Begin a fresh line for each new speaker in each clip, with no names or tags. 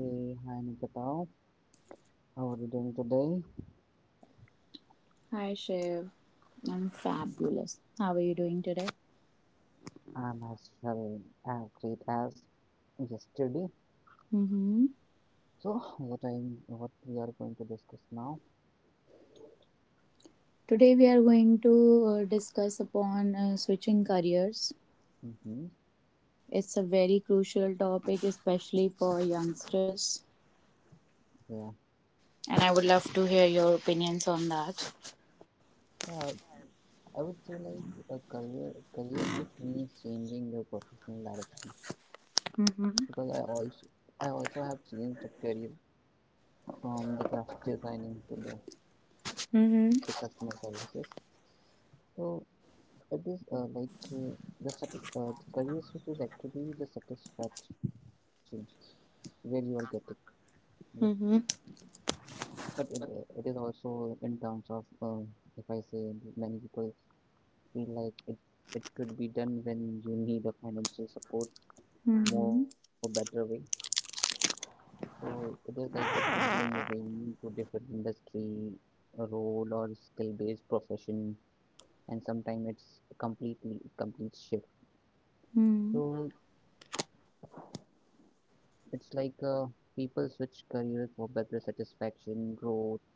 Hey, hi Nikita. How are you doing today?
Hi Shiv, I'm fabulous. How are you doing today?
I'm as well as great as yesterday.
Mm-hmm.
So, what I am what we are going to discuss now?
Today we are going to discuss upon switching careers.
Mm-hmm.
It's a very crucial topic, especially for youngsters,
Yeah,
and I would love to hear your opinions on that.
yeah. I would say like a career switch means changing your professional direction because
Mm-hmm.
I also have changed the career from the graphic designing to the customer
Mm-hmm.
services. So it is like uh, the sat- uh, career switch is actually the satisfaction where you are getting. Yes,
Mm-hmm.
but it is also in terms of if I say many people feel like it could be done when you need a financial support more better way. So it is like it could be moving to different industry, a role or skill based profession, and sometimes it's complete shift.
Mm-hmm.
So
Mm-hmm.
it's like people switch careers for better satisfaction, growth or balance.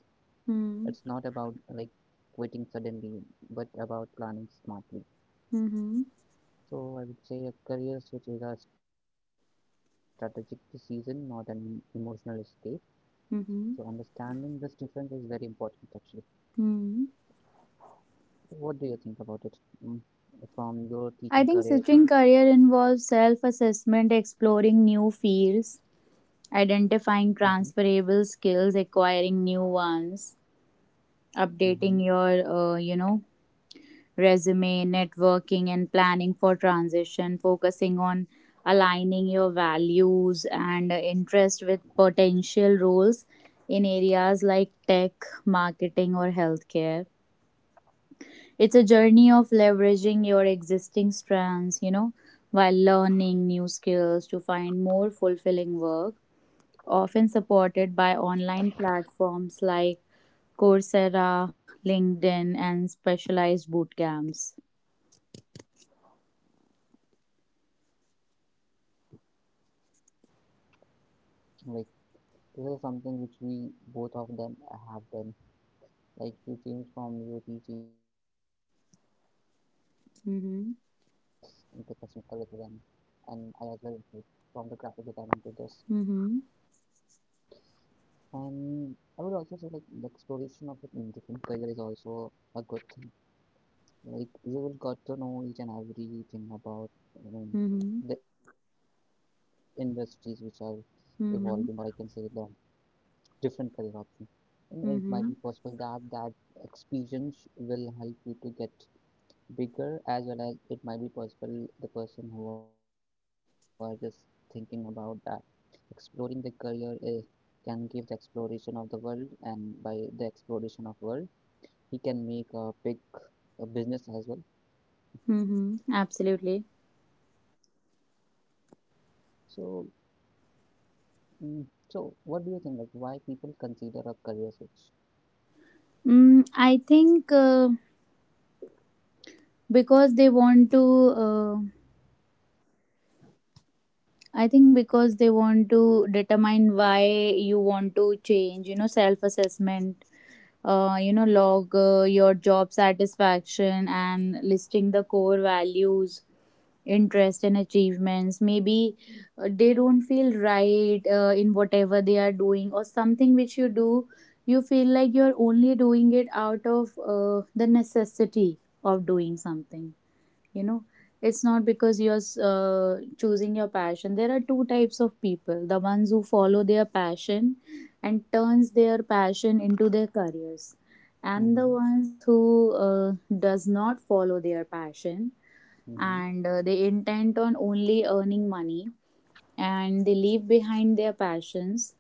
It's not about
Mm-hmm.
like quitting suddenly, but about planning smartly.
Mm-hmm.
So I would say a career switch is a strategic decision, not an emotional escape. So understanding this
Mm-hmm.
difference is very important actually.
Mm-hmm.
So what do you think about it, mm, from your
I
teaching
think
career to?
switching career involves self assessment, exploring new fields,
Mm-hmm,
identifying transferable skills, acquiring new ones,
mm-hmm.
updating your resume, networking, and planning for transition, focusing on aligning your values and interest with potential roles in areas like tech, marketing, or healthcare. It's a journey of leveraging your existing strengths while learning new skills to find more fulfilling work, often supported by online platforms like Coursera, LinkedIn, and specialized boot camps.
I totally agree with you. Like this is something which we both of them have done. Like you changed from your teaching to this into customer services,
Mm-hmm.
and I as well like, from the graphic design to this.
Mm-hmm.
And I would also say like the exploration of, different career is also a good thing. Like you will got to know each and everything about, um,
Mm-hmm.
the industries which are evolving, or I can say the
Mm-hmm.
different career options. And it might be
Mm-hmm.
possible that experience will help you to get bigger, as well as it might be possible the person who are just thinking about that exploring the career is can give the exploration of the world, and by the exploration of world he can make a big a business as well.
Mm-hmm. Absolutely.
So, mm, so what do you think like why people consider a career switch?
Mm, I think uh, because they want to, uh, I think because they want to determine why you want to change. Self assessment, log your job satisfaction, and listing the core values, interest, and achievements. Maybe they don't feel right in whatever they are doing, or something which you do, you feel like you're only doing it out of the necessity of doing something. you know it's not because you're choosing your passion. There are two types of people: the ones who follow their passion and turns their passion into their careers, and the
Mm-hmm,
ones who does not follow their passion,
mm-hmm,
and they intent on only earning money, and they leave behind their passions,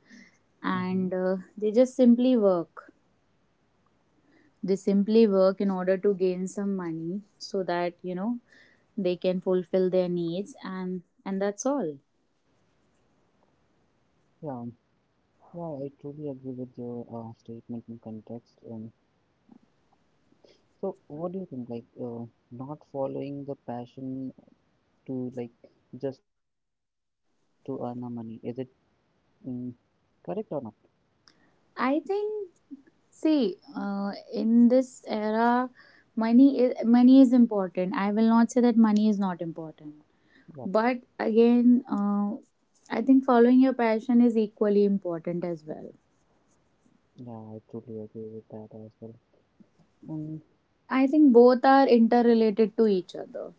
mm-hmm.
and they just simply work they simply work in order to gain some money so that, they can fulfill their needs, and that's all.
Yeah, yeah, I truly agree with your statement in context. So what do you think like, not following the passion to like just to earn a money, is it mm, correct or not?
I think, see, in this era, money is important. I will not say that money is not important.
Yeah,
But again, I think following your passion is equally important as well.
yeah, I truly agree with that as well. Mm,
I think both are interrelated to each other.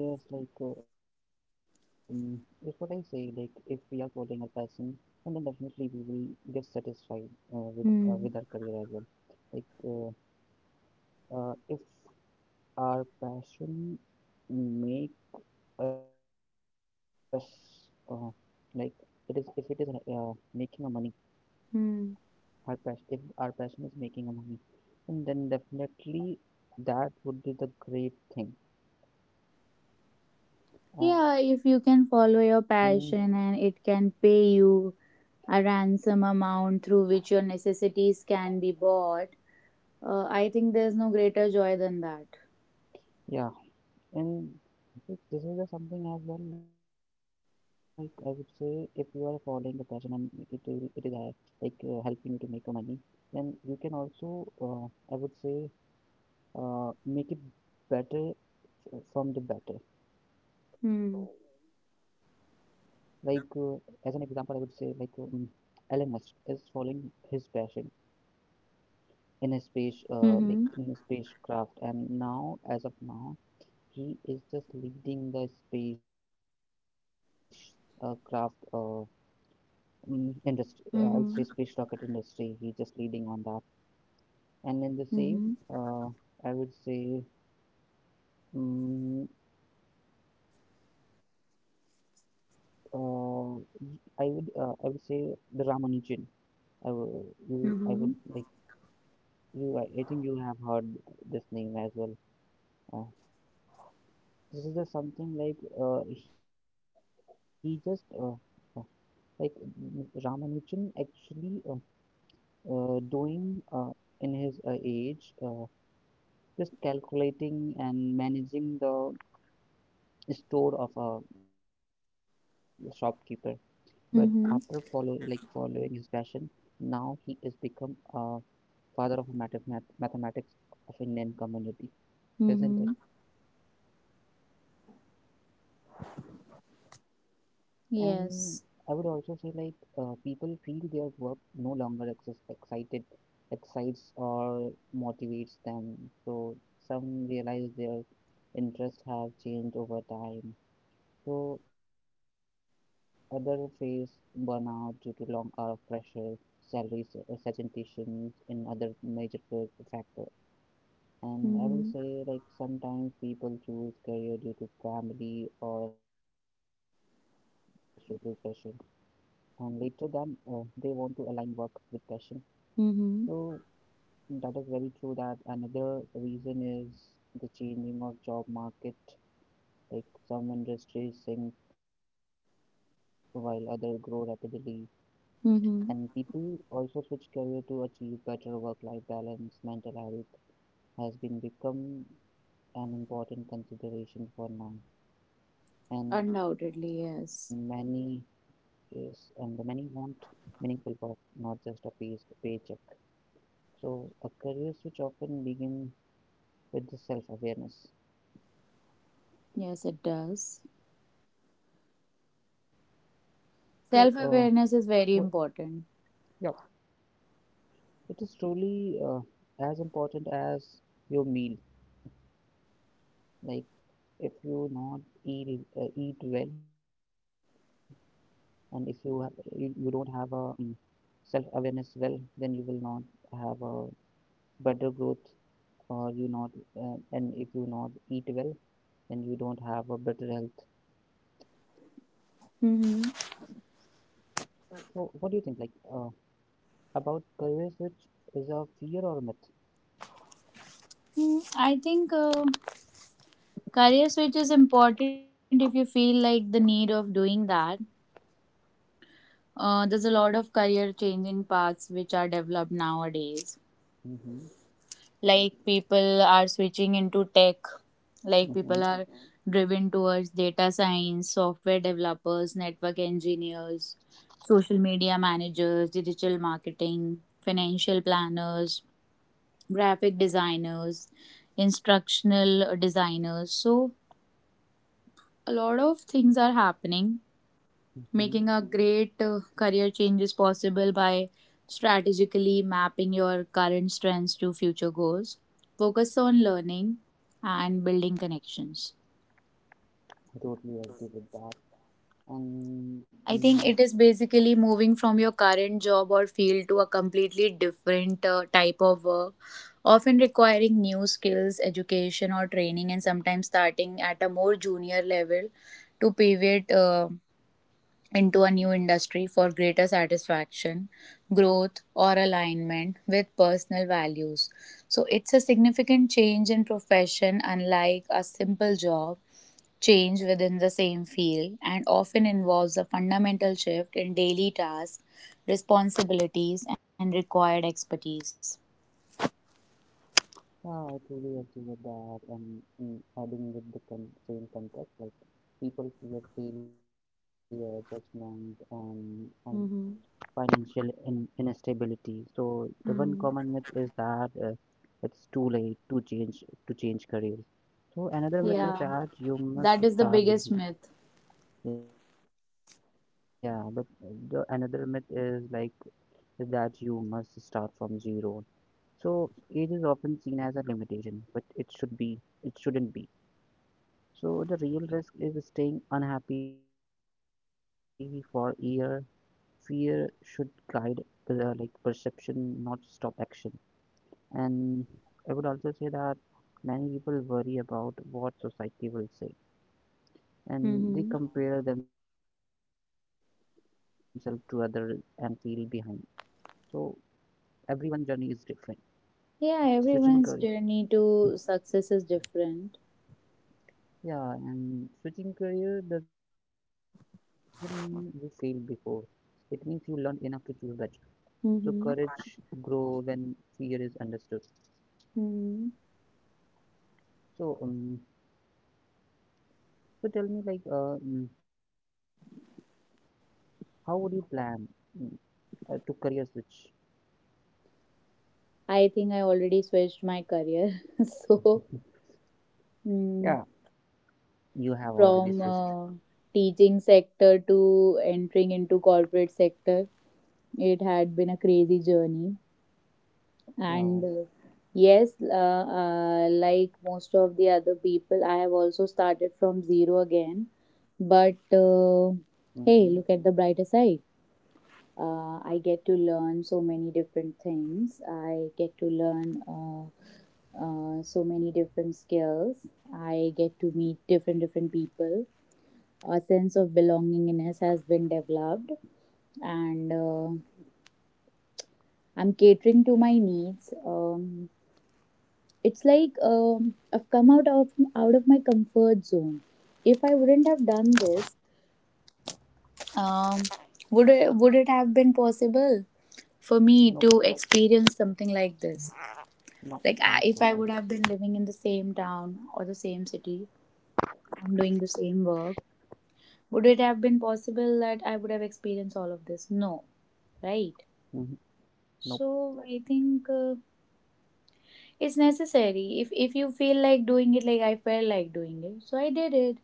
yes, like it's what I say. Like if we are following our passion, and then definitely we will get satisfied,
Hmm.
with our career as well. Like if our passion make us, uh, like it is if it is making a money,
Hmm.
our passion if our passion is making a money, and then definitely that would be the great thing.
Yeah,
And
if you can follow your passion and it can pay you a ransom amount through which your necessities can be bought. I think there's no greater joy than that.
yeah, and this is the something as well. Like I would say, if you are following the passion and it is like helping you to make a money, then you can also I would say make it better from the better.
Hmm.
Like as an example, I would say like, Elon Musk is following his passion in his space,
Mm-hmm.
like in his spacecraft, and now as of now, he is just leading the space uh, craft. Uh, industry, I would say
Mm-hmm.
space rocket industry. He's just leading on that. And in the same,
Mm-hmm.
uh, I would say, mm, uh, I would say the Ramanujan. I would
Mm-hmm.
like you. I think you have heard this name as well. Uh, this is just something like, he just uh, like Ramanujan actually, doing, in his age, just calculating and managing the store of a shopkeeper. But after follow like
Mm-hmm.
following his passion, now he is become a father of mathematics of Indian community, isn't it?
Mm-hmm.
And I would also say like,
Yes.
people feel their work no longer excites or motivates them. So some realize their interests have changed over time. So others face burnout due to long hour of pressure, salaries, suggestions, and other major factors. And I will
Mm-hmm.
say like sometimes people choose career due to family or social pressure, and later than, they want to align work with passion.
Mm-hmm.
So that is very true. That another reason is the changing of job market. Like some industries sink while others grow rapidly. And
Mm-hmm.
people also switch career to achieve better work-life balance. Mental health has been become an important consideration for now, and many.
Undoubtedly, yes.
Yes, and the many want meaningful work, not just a paycheck. So a career switch often begin with the self-awareness.
Yes, it does.
So,
Self
wha-
awareness is very important.
yeah, it is truly as important as your meal. Like if you not eat well, and if you, you don't have a, um, self awareness well, then you will not have a better growth, or you not and if you not eat well, then you don't have a better health.
Mm-hmm.
So what do you think like, uh, about career switch, is a fear or myth?
I think career switch is important if you feel like the need of doing that. There's a lot of career changing paths which are developed nowadays.
Mm-hmm,
Like people are switching into tech, like people
mm-hmm,
are driven towards data science, software developers, network engineers, social media managers, digital marketing, financial planners, graphic designers, instructional designers. So, a lot of things are happening.
mm-hmm.
Making a great career change is possible by strategically mapping your current strengths to future goals, focus on learning, and building connections.
I totally agree with that. And in.
I think it is basically moving from your current job or field to a completely different type of work, often requiring new skills, education, or training, and sometimes starting at a more junior level to pivot into a new industry for greater satisfaction, growth, or alignment with personal values. So it's a significant change in profession, unlike a simple job change within the same field, and often involves a fundamental shift in daily tasks, responsibilities, and required expertise.
Yeah, I totally agree with that. And mm, adding with the con same context, like people fear failure, judgment, and
Mm-hmm.
financial in instability. So the one common myth is
Mm.
that, it's too late to change careers. So another myth is that
Yeah.
you must
That is the
start with.
biggest myth.
Yeah, but the another myth is like that you must start from zero. So age is often seen as a limitation, but it shouldn't be. So the real risk is staying unhappy for a year. Fear should guide, like perception, not stop action. And I would also say that many people worry about what society will say, and they
Mm-hmm.
compare themselves to others and feel behind. So everyone's journey is different.
Yeah,
Switching career,
everyone's journey to success is different.
yeah, and switching career doesn't mean you failed before. It means you learned enough to choose better. So courage grow when fear is understood.
Mm-hmm.
So so tell me like, how would you plan, mm, to career switch?
I think I already switched my career. So, mm,
Yeah. You have
from
already switched.
teaching sector to entering into corporate sector, it had been a crazy journey. And
Yes.
yes, like most of the other people, I have also started from zero again. But
Mm-hmm.
hey, look at the brighter side. I get to learn so many different things. I get to learn so many different skills. I get to meet different people. A sense of belongingness has been developed, and I'm catering to my needs. It's like, I've come out of my comfort zone. If I wouldn't have done this, um, would it have been possible for me to
Nope.
experience something like this? Like, I, if
Not
I would have
not
been living
possible.
in the same town or the same city and doing the same work, would it have been possible that I would have experienced all of this? No, right?
Hmm. Nope.
So I think it's necessary. If you feel like doing it, like I felt like doing it, so I did it.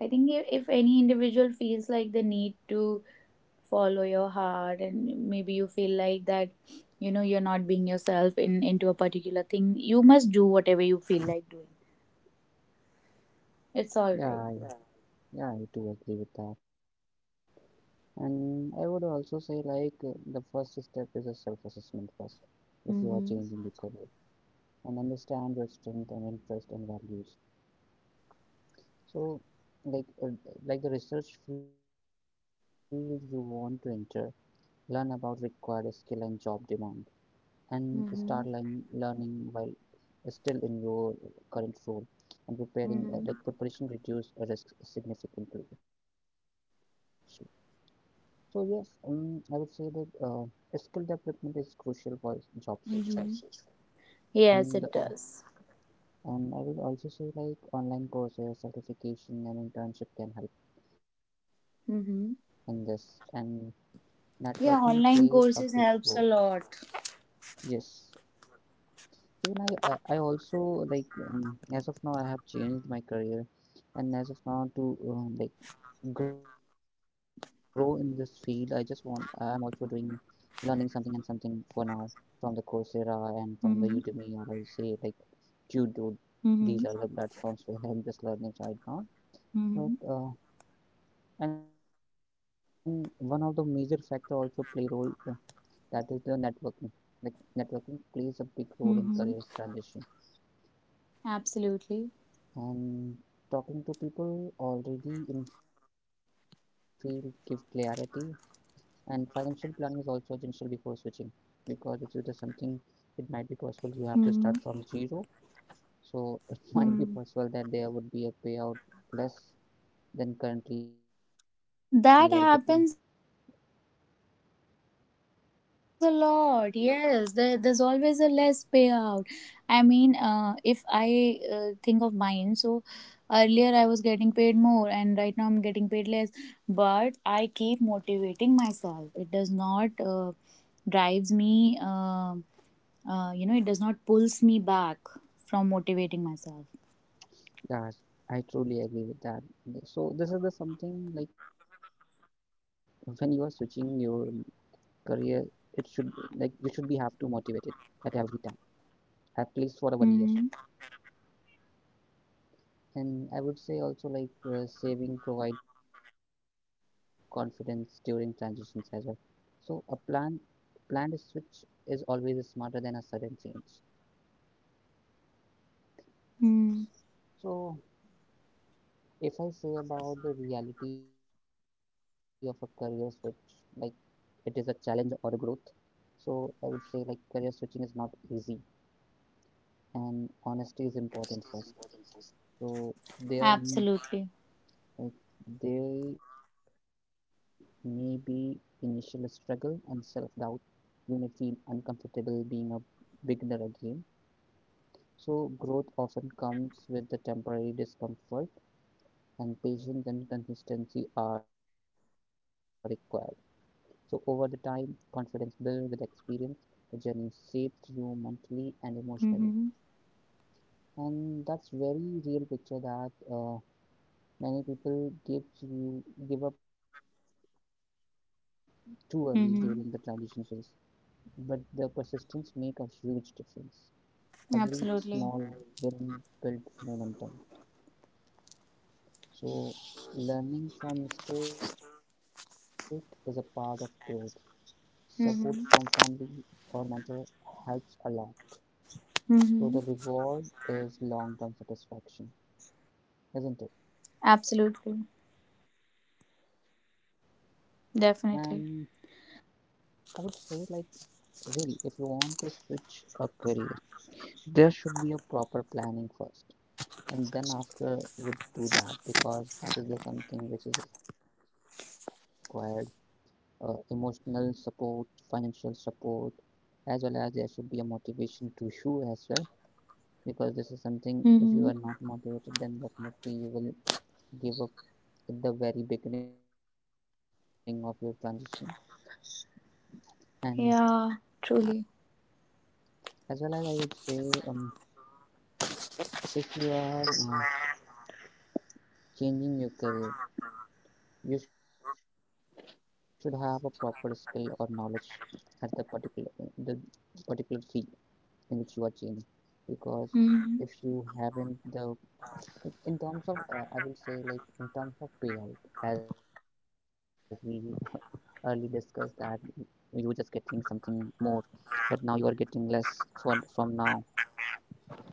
I think if any individual feels like the need to follow your heart, and maybe you feel like that, you're not being yourself in into a particular thing, you must do whatever you feel like doing. It's all right.
Yeah. Yeah. I do agree with that. And I would also say like, the first step is a self-assessment first. If you are
Mm-hmm.
changing your career and understand your strength and interest and values. So, like uh, like the research field you want to enter, learn about required skill and job demand, and start
Mm-hmm.
learning while still in your current role and preparing.
Mm-hmm.
Like preparation reduce risk significantly. Actually, so yes, I would say that, skill development is crucial for job search first,
Mm-hmm.
and
Yes,
uh,
it does.
and I will also say like online courses, certification, and internship can help in this and
Mm-hmm.
networking plays a
Yeah,
big
online
role.
courses helps a lot.
Yes. Even I also like, as of now I have changed my career, and as of now to, like grow in this field, I just want I'm also doing learning something and something for now from the Coursera
Mm-hmm.
and from the Udemy or I say like Qdo.
Mm-hmm.
These are the platforms where I'm just learning right now.
Mm-hmm.
But and one of the major factor also play role, that is the networking. Like networking plays a big role in
Mm-hmm.
careers transition.
Absolutely.
And talking to people already in field give clarity. And financial planning is also essential before switching, because this is the something it might be possible you have to
Mm-hmm.
start from zero. So it might
Mm-hmm.
be possible that there would be a payout less than currently you are getting.
That happens a lot. Yes, there's always a less payout. I mean, if I think of mine, so earlier I was getting paid more, and right now I'm getting paid less. But I keep motivating myself. It does not drives me. It does not pulls me back from motivating myself.
Yes, I truly agree with that. So this is the something like when you are switching your career it should like you should be have to motivated at every time at least for a 1 year.
Mm-hmm.
And I would say also like, saving provide confidence during transitions as well. So a planned switch is always smarter than a sudden change.
Mm-hmm.
So, if I say about the reality of a career switch, like it is a challenge or a growth. So, I would say like career switching is not easy, and honesty is important first. So, there.
Absolutely.
Uh, There may be initial struggle and self-doubt. You may feel uncomfortable being a beginner again. So, growth often comes with the temporary discomfort, and patience and consistency are required. So, over the time, confidence builds with experience. The journey shapes you mentally and emotionally,
Mm-hmm.
and that's very real picture that, uh, many people give up too early during the transition phase.
Mm-hmm.
But the persistence make a huge difference. Every small
Absolutely.
win build momentum. So learning from mistake is a part of growth. Support from family
Mm-hmm.
or mentor helps a lot. So the
Mm-hmm.
reward is long-term satisfaction, isn't it?
Absolutely.
And
Definitely.
I would say like really if you want to switch a career, there should be a proper planning first. And then after would do that, because this is the something which is required, emotional support, financial support, as well as there should be a motivation to you as well, because this is something if
Mm-hmm.
you are not motivated then definitely you will give up at the very beginning of your transition. And
Yeah, truly.
as well as I would say, um, if you are, changing your career you should have a proper skill or knowledge at the particular field in which you are changing, because if
Mm-hmm.
you haven't the in terms of, I will say like in terms of payout, as we early discussed that you were just getting something more but now you are getting less for from now.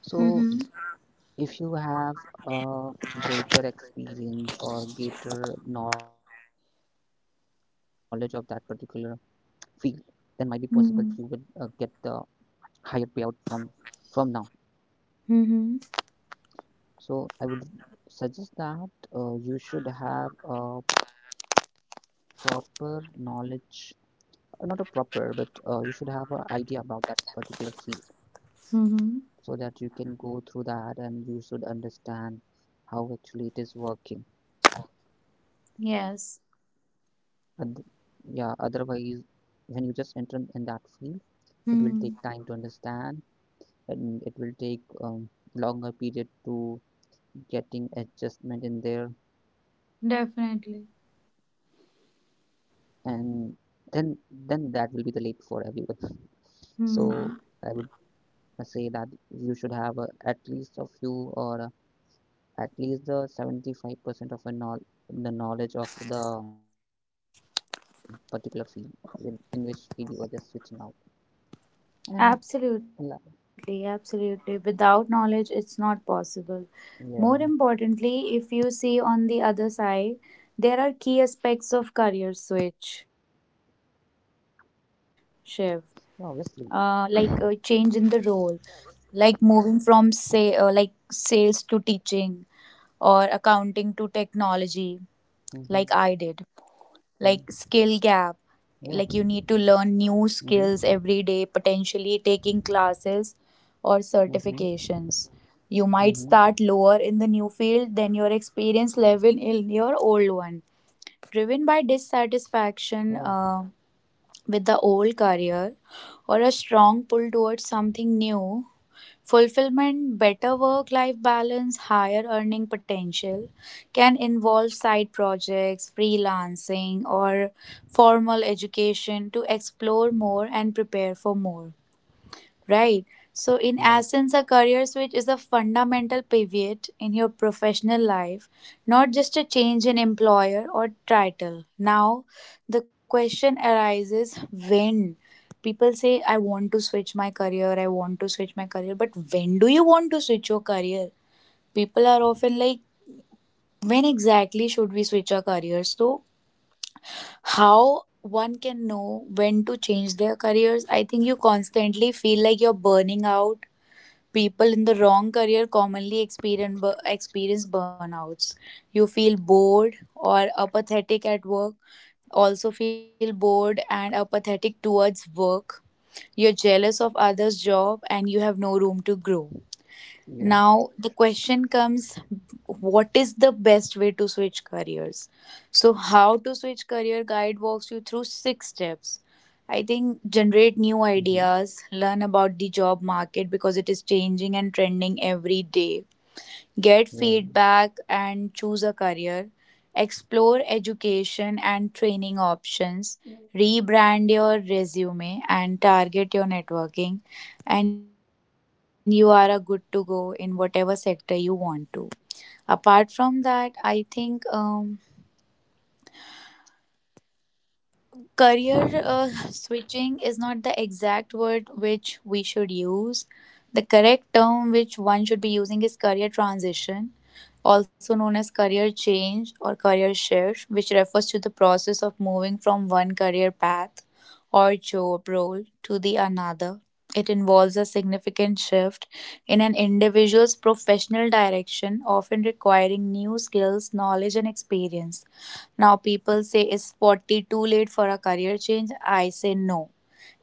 So
Mm-hmm.
if you have a greater experience or greater knowledge of that particular field, then might be possible you will, get the
Mm-hmm.
higher payout from now.
Mm-hmm.
So I would suggest that, you should have a proper knowledge, not a proper, but you should have an idea about that particular field,
Mm-hmm.
so that you can go through that and you should understand how actually it is working.
Yes.
And yeah, otherwise, when you just enter in that field, it will take time
Mm-hmm.
to understand, and it will take, longer period to getting adjustment in there.
Definitely.
And then then that will be the late for everyone. So I would,
Mm-hmm.
say that you should have, at least a few or at least the 75% of a know the knowledge of the particular field in which field you are just switching out. And la-
Absolutely. Absolutely. Without knowledge, it's not possible. More
yeah,
importantly, if you see on the other side, there are key aspects of career switch shift,
yeah,
like
obviously.
change in the role, like moving from, say, like sales to teaching, or accounting to technology, like I did.
Mm-hmm.
Like skill gap,
Yeah.
like you need to learn new
Mm-hmm.
skills every day, potentially taking classes or
Mm-hmm.
certifications. You might start
Mm-hmm.
lower in the new field than your experience level in your old one, driven by
Oh.
dissatisfaction with the old career, or a strong pull towards something new, fulfillment, better work life balance, higher earning potential. Can involve side projects, freelancing, or formal education to explore more and prepare for more. Right. So, in
Yeah.
essence, a career switch is a fundamental pivot in your professional life, not just a change in employer or title. Now, the question arises when? People say, I want to switch my career, I want to switch my career, but when do you want to switch your career? People are often like, when exactly should we switch our careers? So, how one can know when to change their careers? I think you constantly feel like you're burning out. People in the wrong career commonly experience experience burnouts. You feel bored or apathetic at work, also feel bored and apathetic towards work. You're jealous of others' job and you have no room to grow.
Yeah.
Now, the question comes, what is the best way to switch careers? So, how to switch career guide walks you through six steps. I think
Mm-hmm.
generate new ideas, learn about the job market because it is changing and trending every day.
Yeah.
Get feedback and choose a career. Explore education and training options. Rebrand your resume and target your networking. And you are a good to go in whatever sector you want to. Apart from that, I think. Career switching is not the exact word which we should use. The correct term which one should be using is career transition, also known as career change or career shift, which refers to the process of moving from one career path or job role to the another. It involves a significant shift in an individual's professional direction, often requiring new skills, knowledge, and experience. Now people say, is 40 too late for a career change? I say no.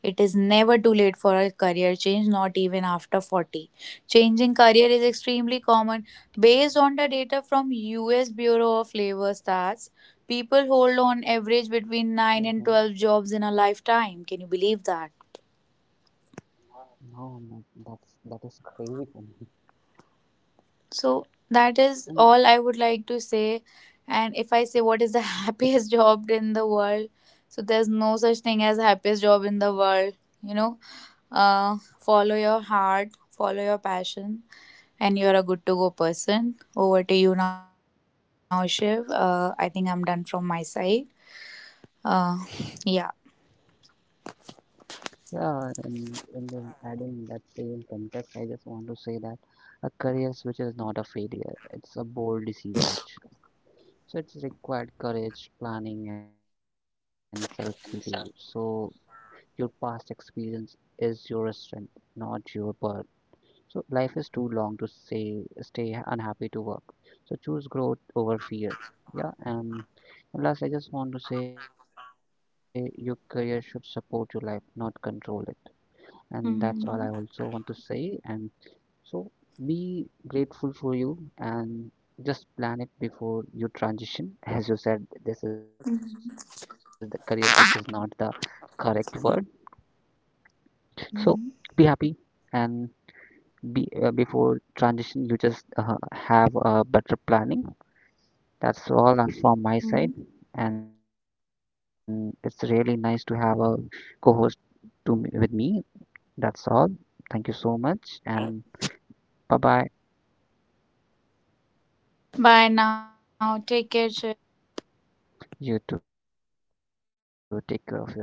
It is never too late for a career change, not even after 40. Changing career is extremely common. Based on the data from US Bureau of Labor Stats, people hold
Mm-hmm.
on average between 9 and 12 jobs in a lifetime. Can you believe that?
No man, that's that is crazy for me.
So
And
that is all I would like to say. And if I say what is the happiest job in the world, so there's no such thing as happiest job in the world. You know, Follow your heart, follow your passion, and you're a good to go person. Over to you now, Shiv. I think I'm done from my side. Uh, yeah.
yeah, and in the adding that same context, I just want to say that a career switch is not a failure. It's a bold decision actually. So it's required courage, planning, and self-belief. So your past experience is your strength, not your burden. So life is too long to say stay unhappy to work. So choose growth over fear. Yeah, and last, I just want to say your career should support your life, not control it. And that's all I also want to say,
Mhm.
and so be grateful for you, and just plan it before you transition. As you said this is the career switch is not the correct word. So be
Mhm.
happy, and be, before transition you just, have a better planning. That's all, from my side, and it's really nice to have a co-host to with me. That's all. Thank you so much, and bye bye.
Bye now. Take care, Shiv.
You two take care of yourselves, Ninkita, as well.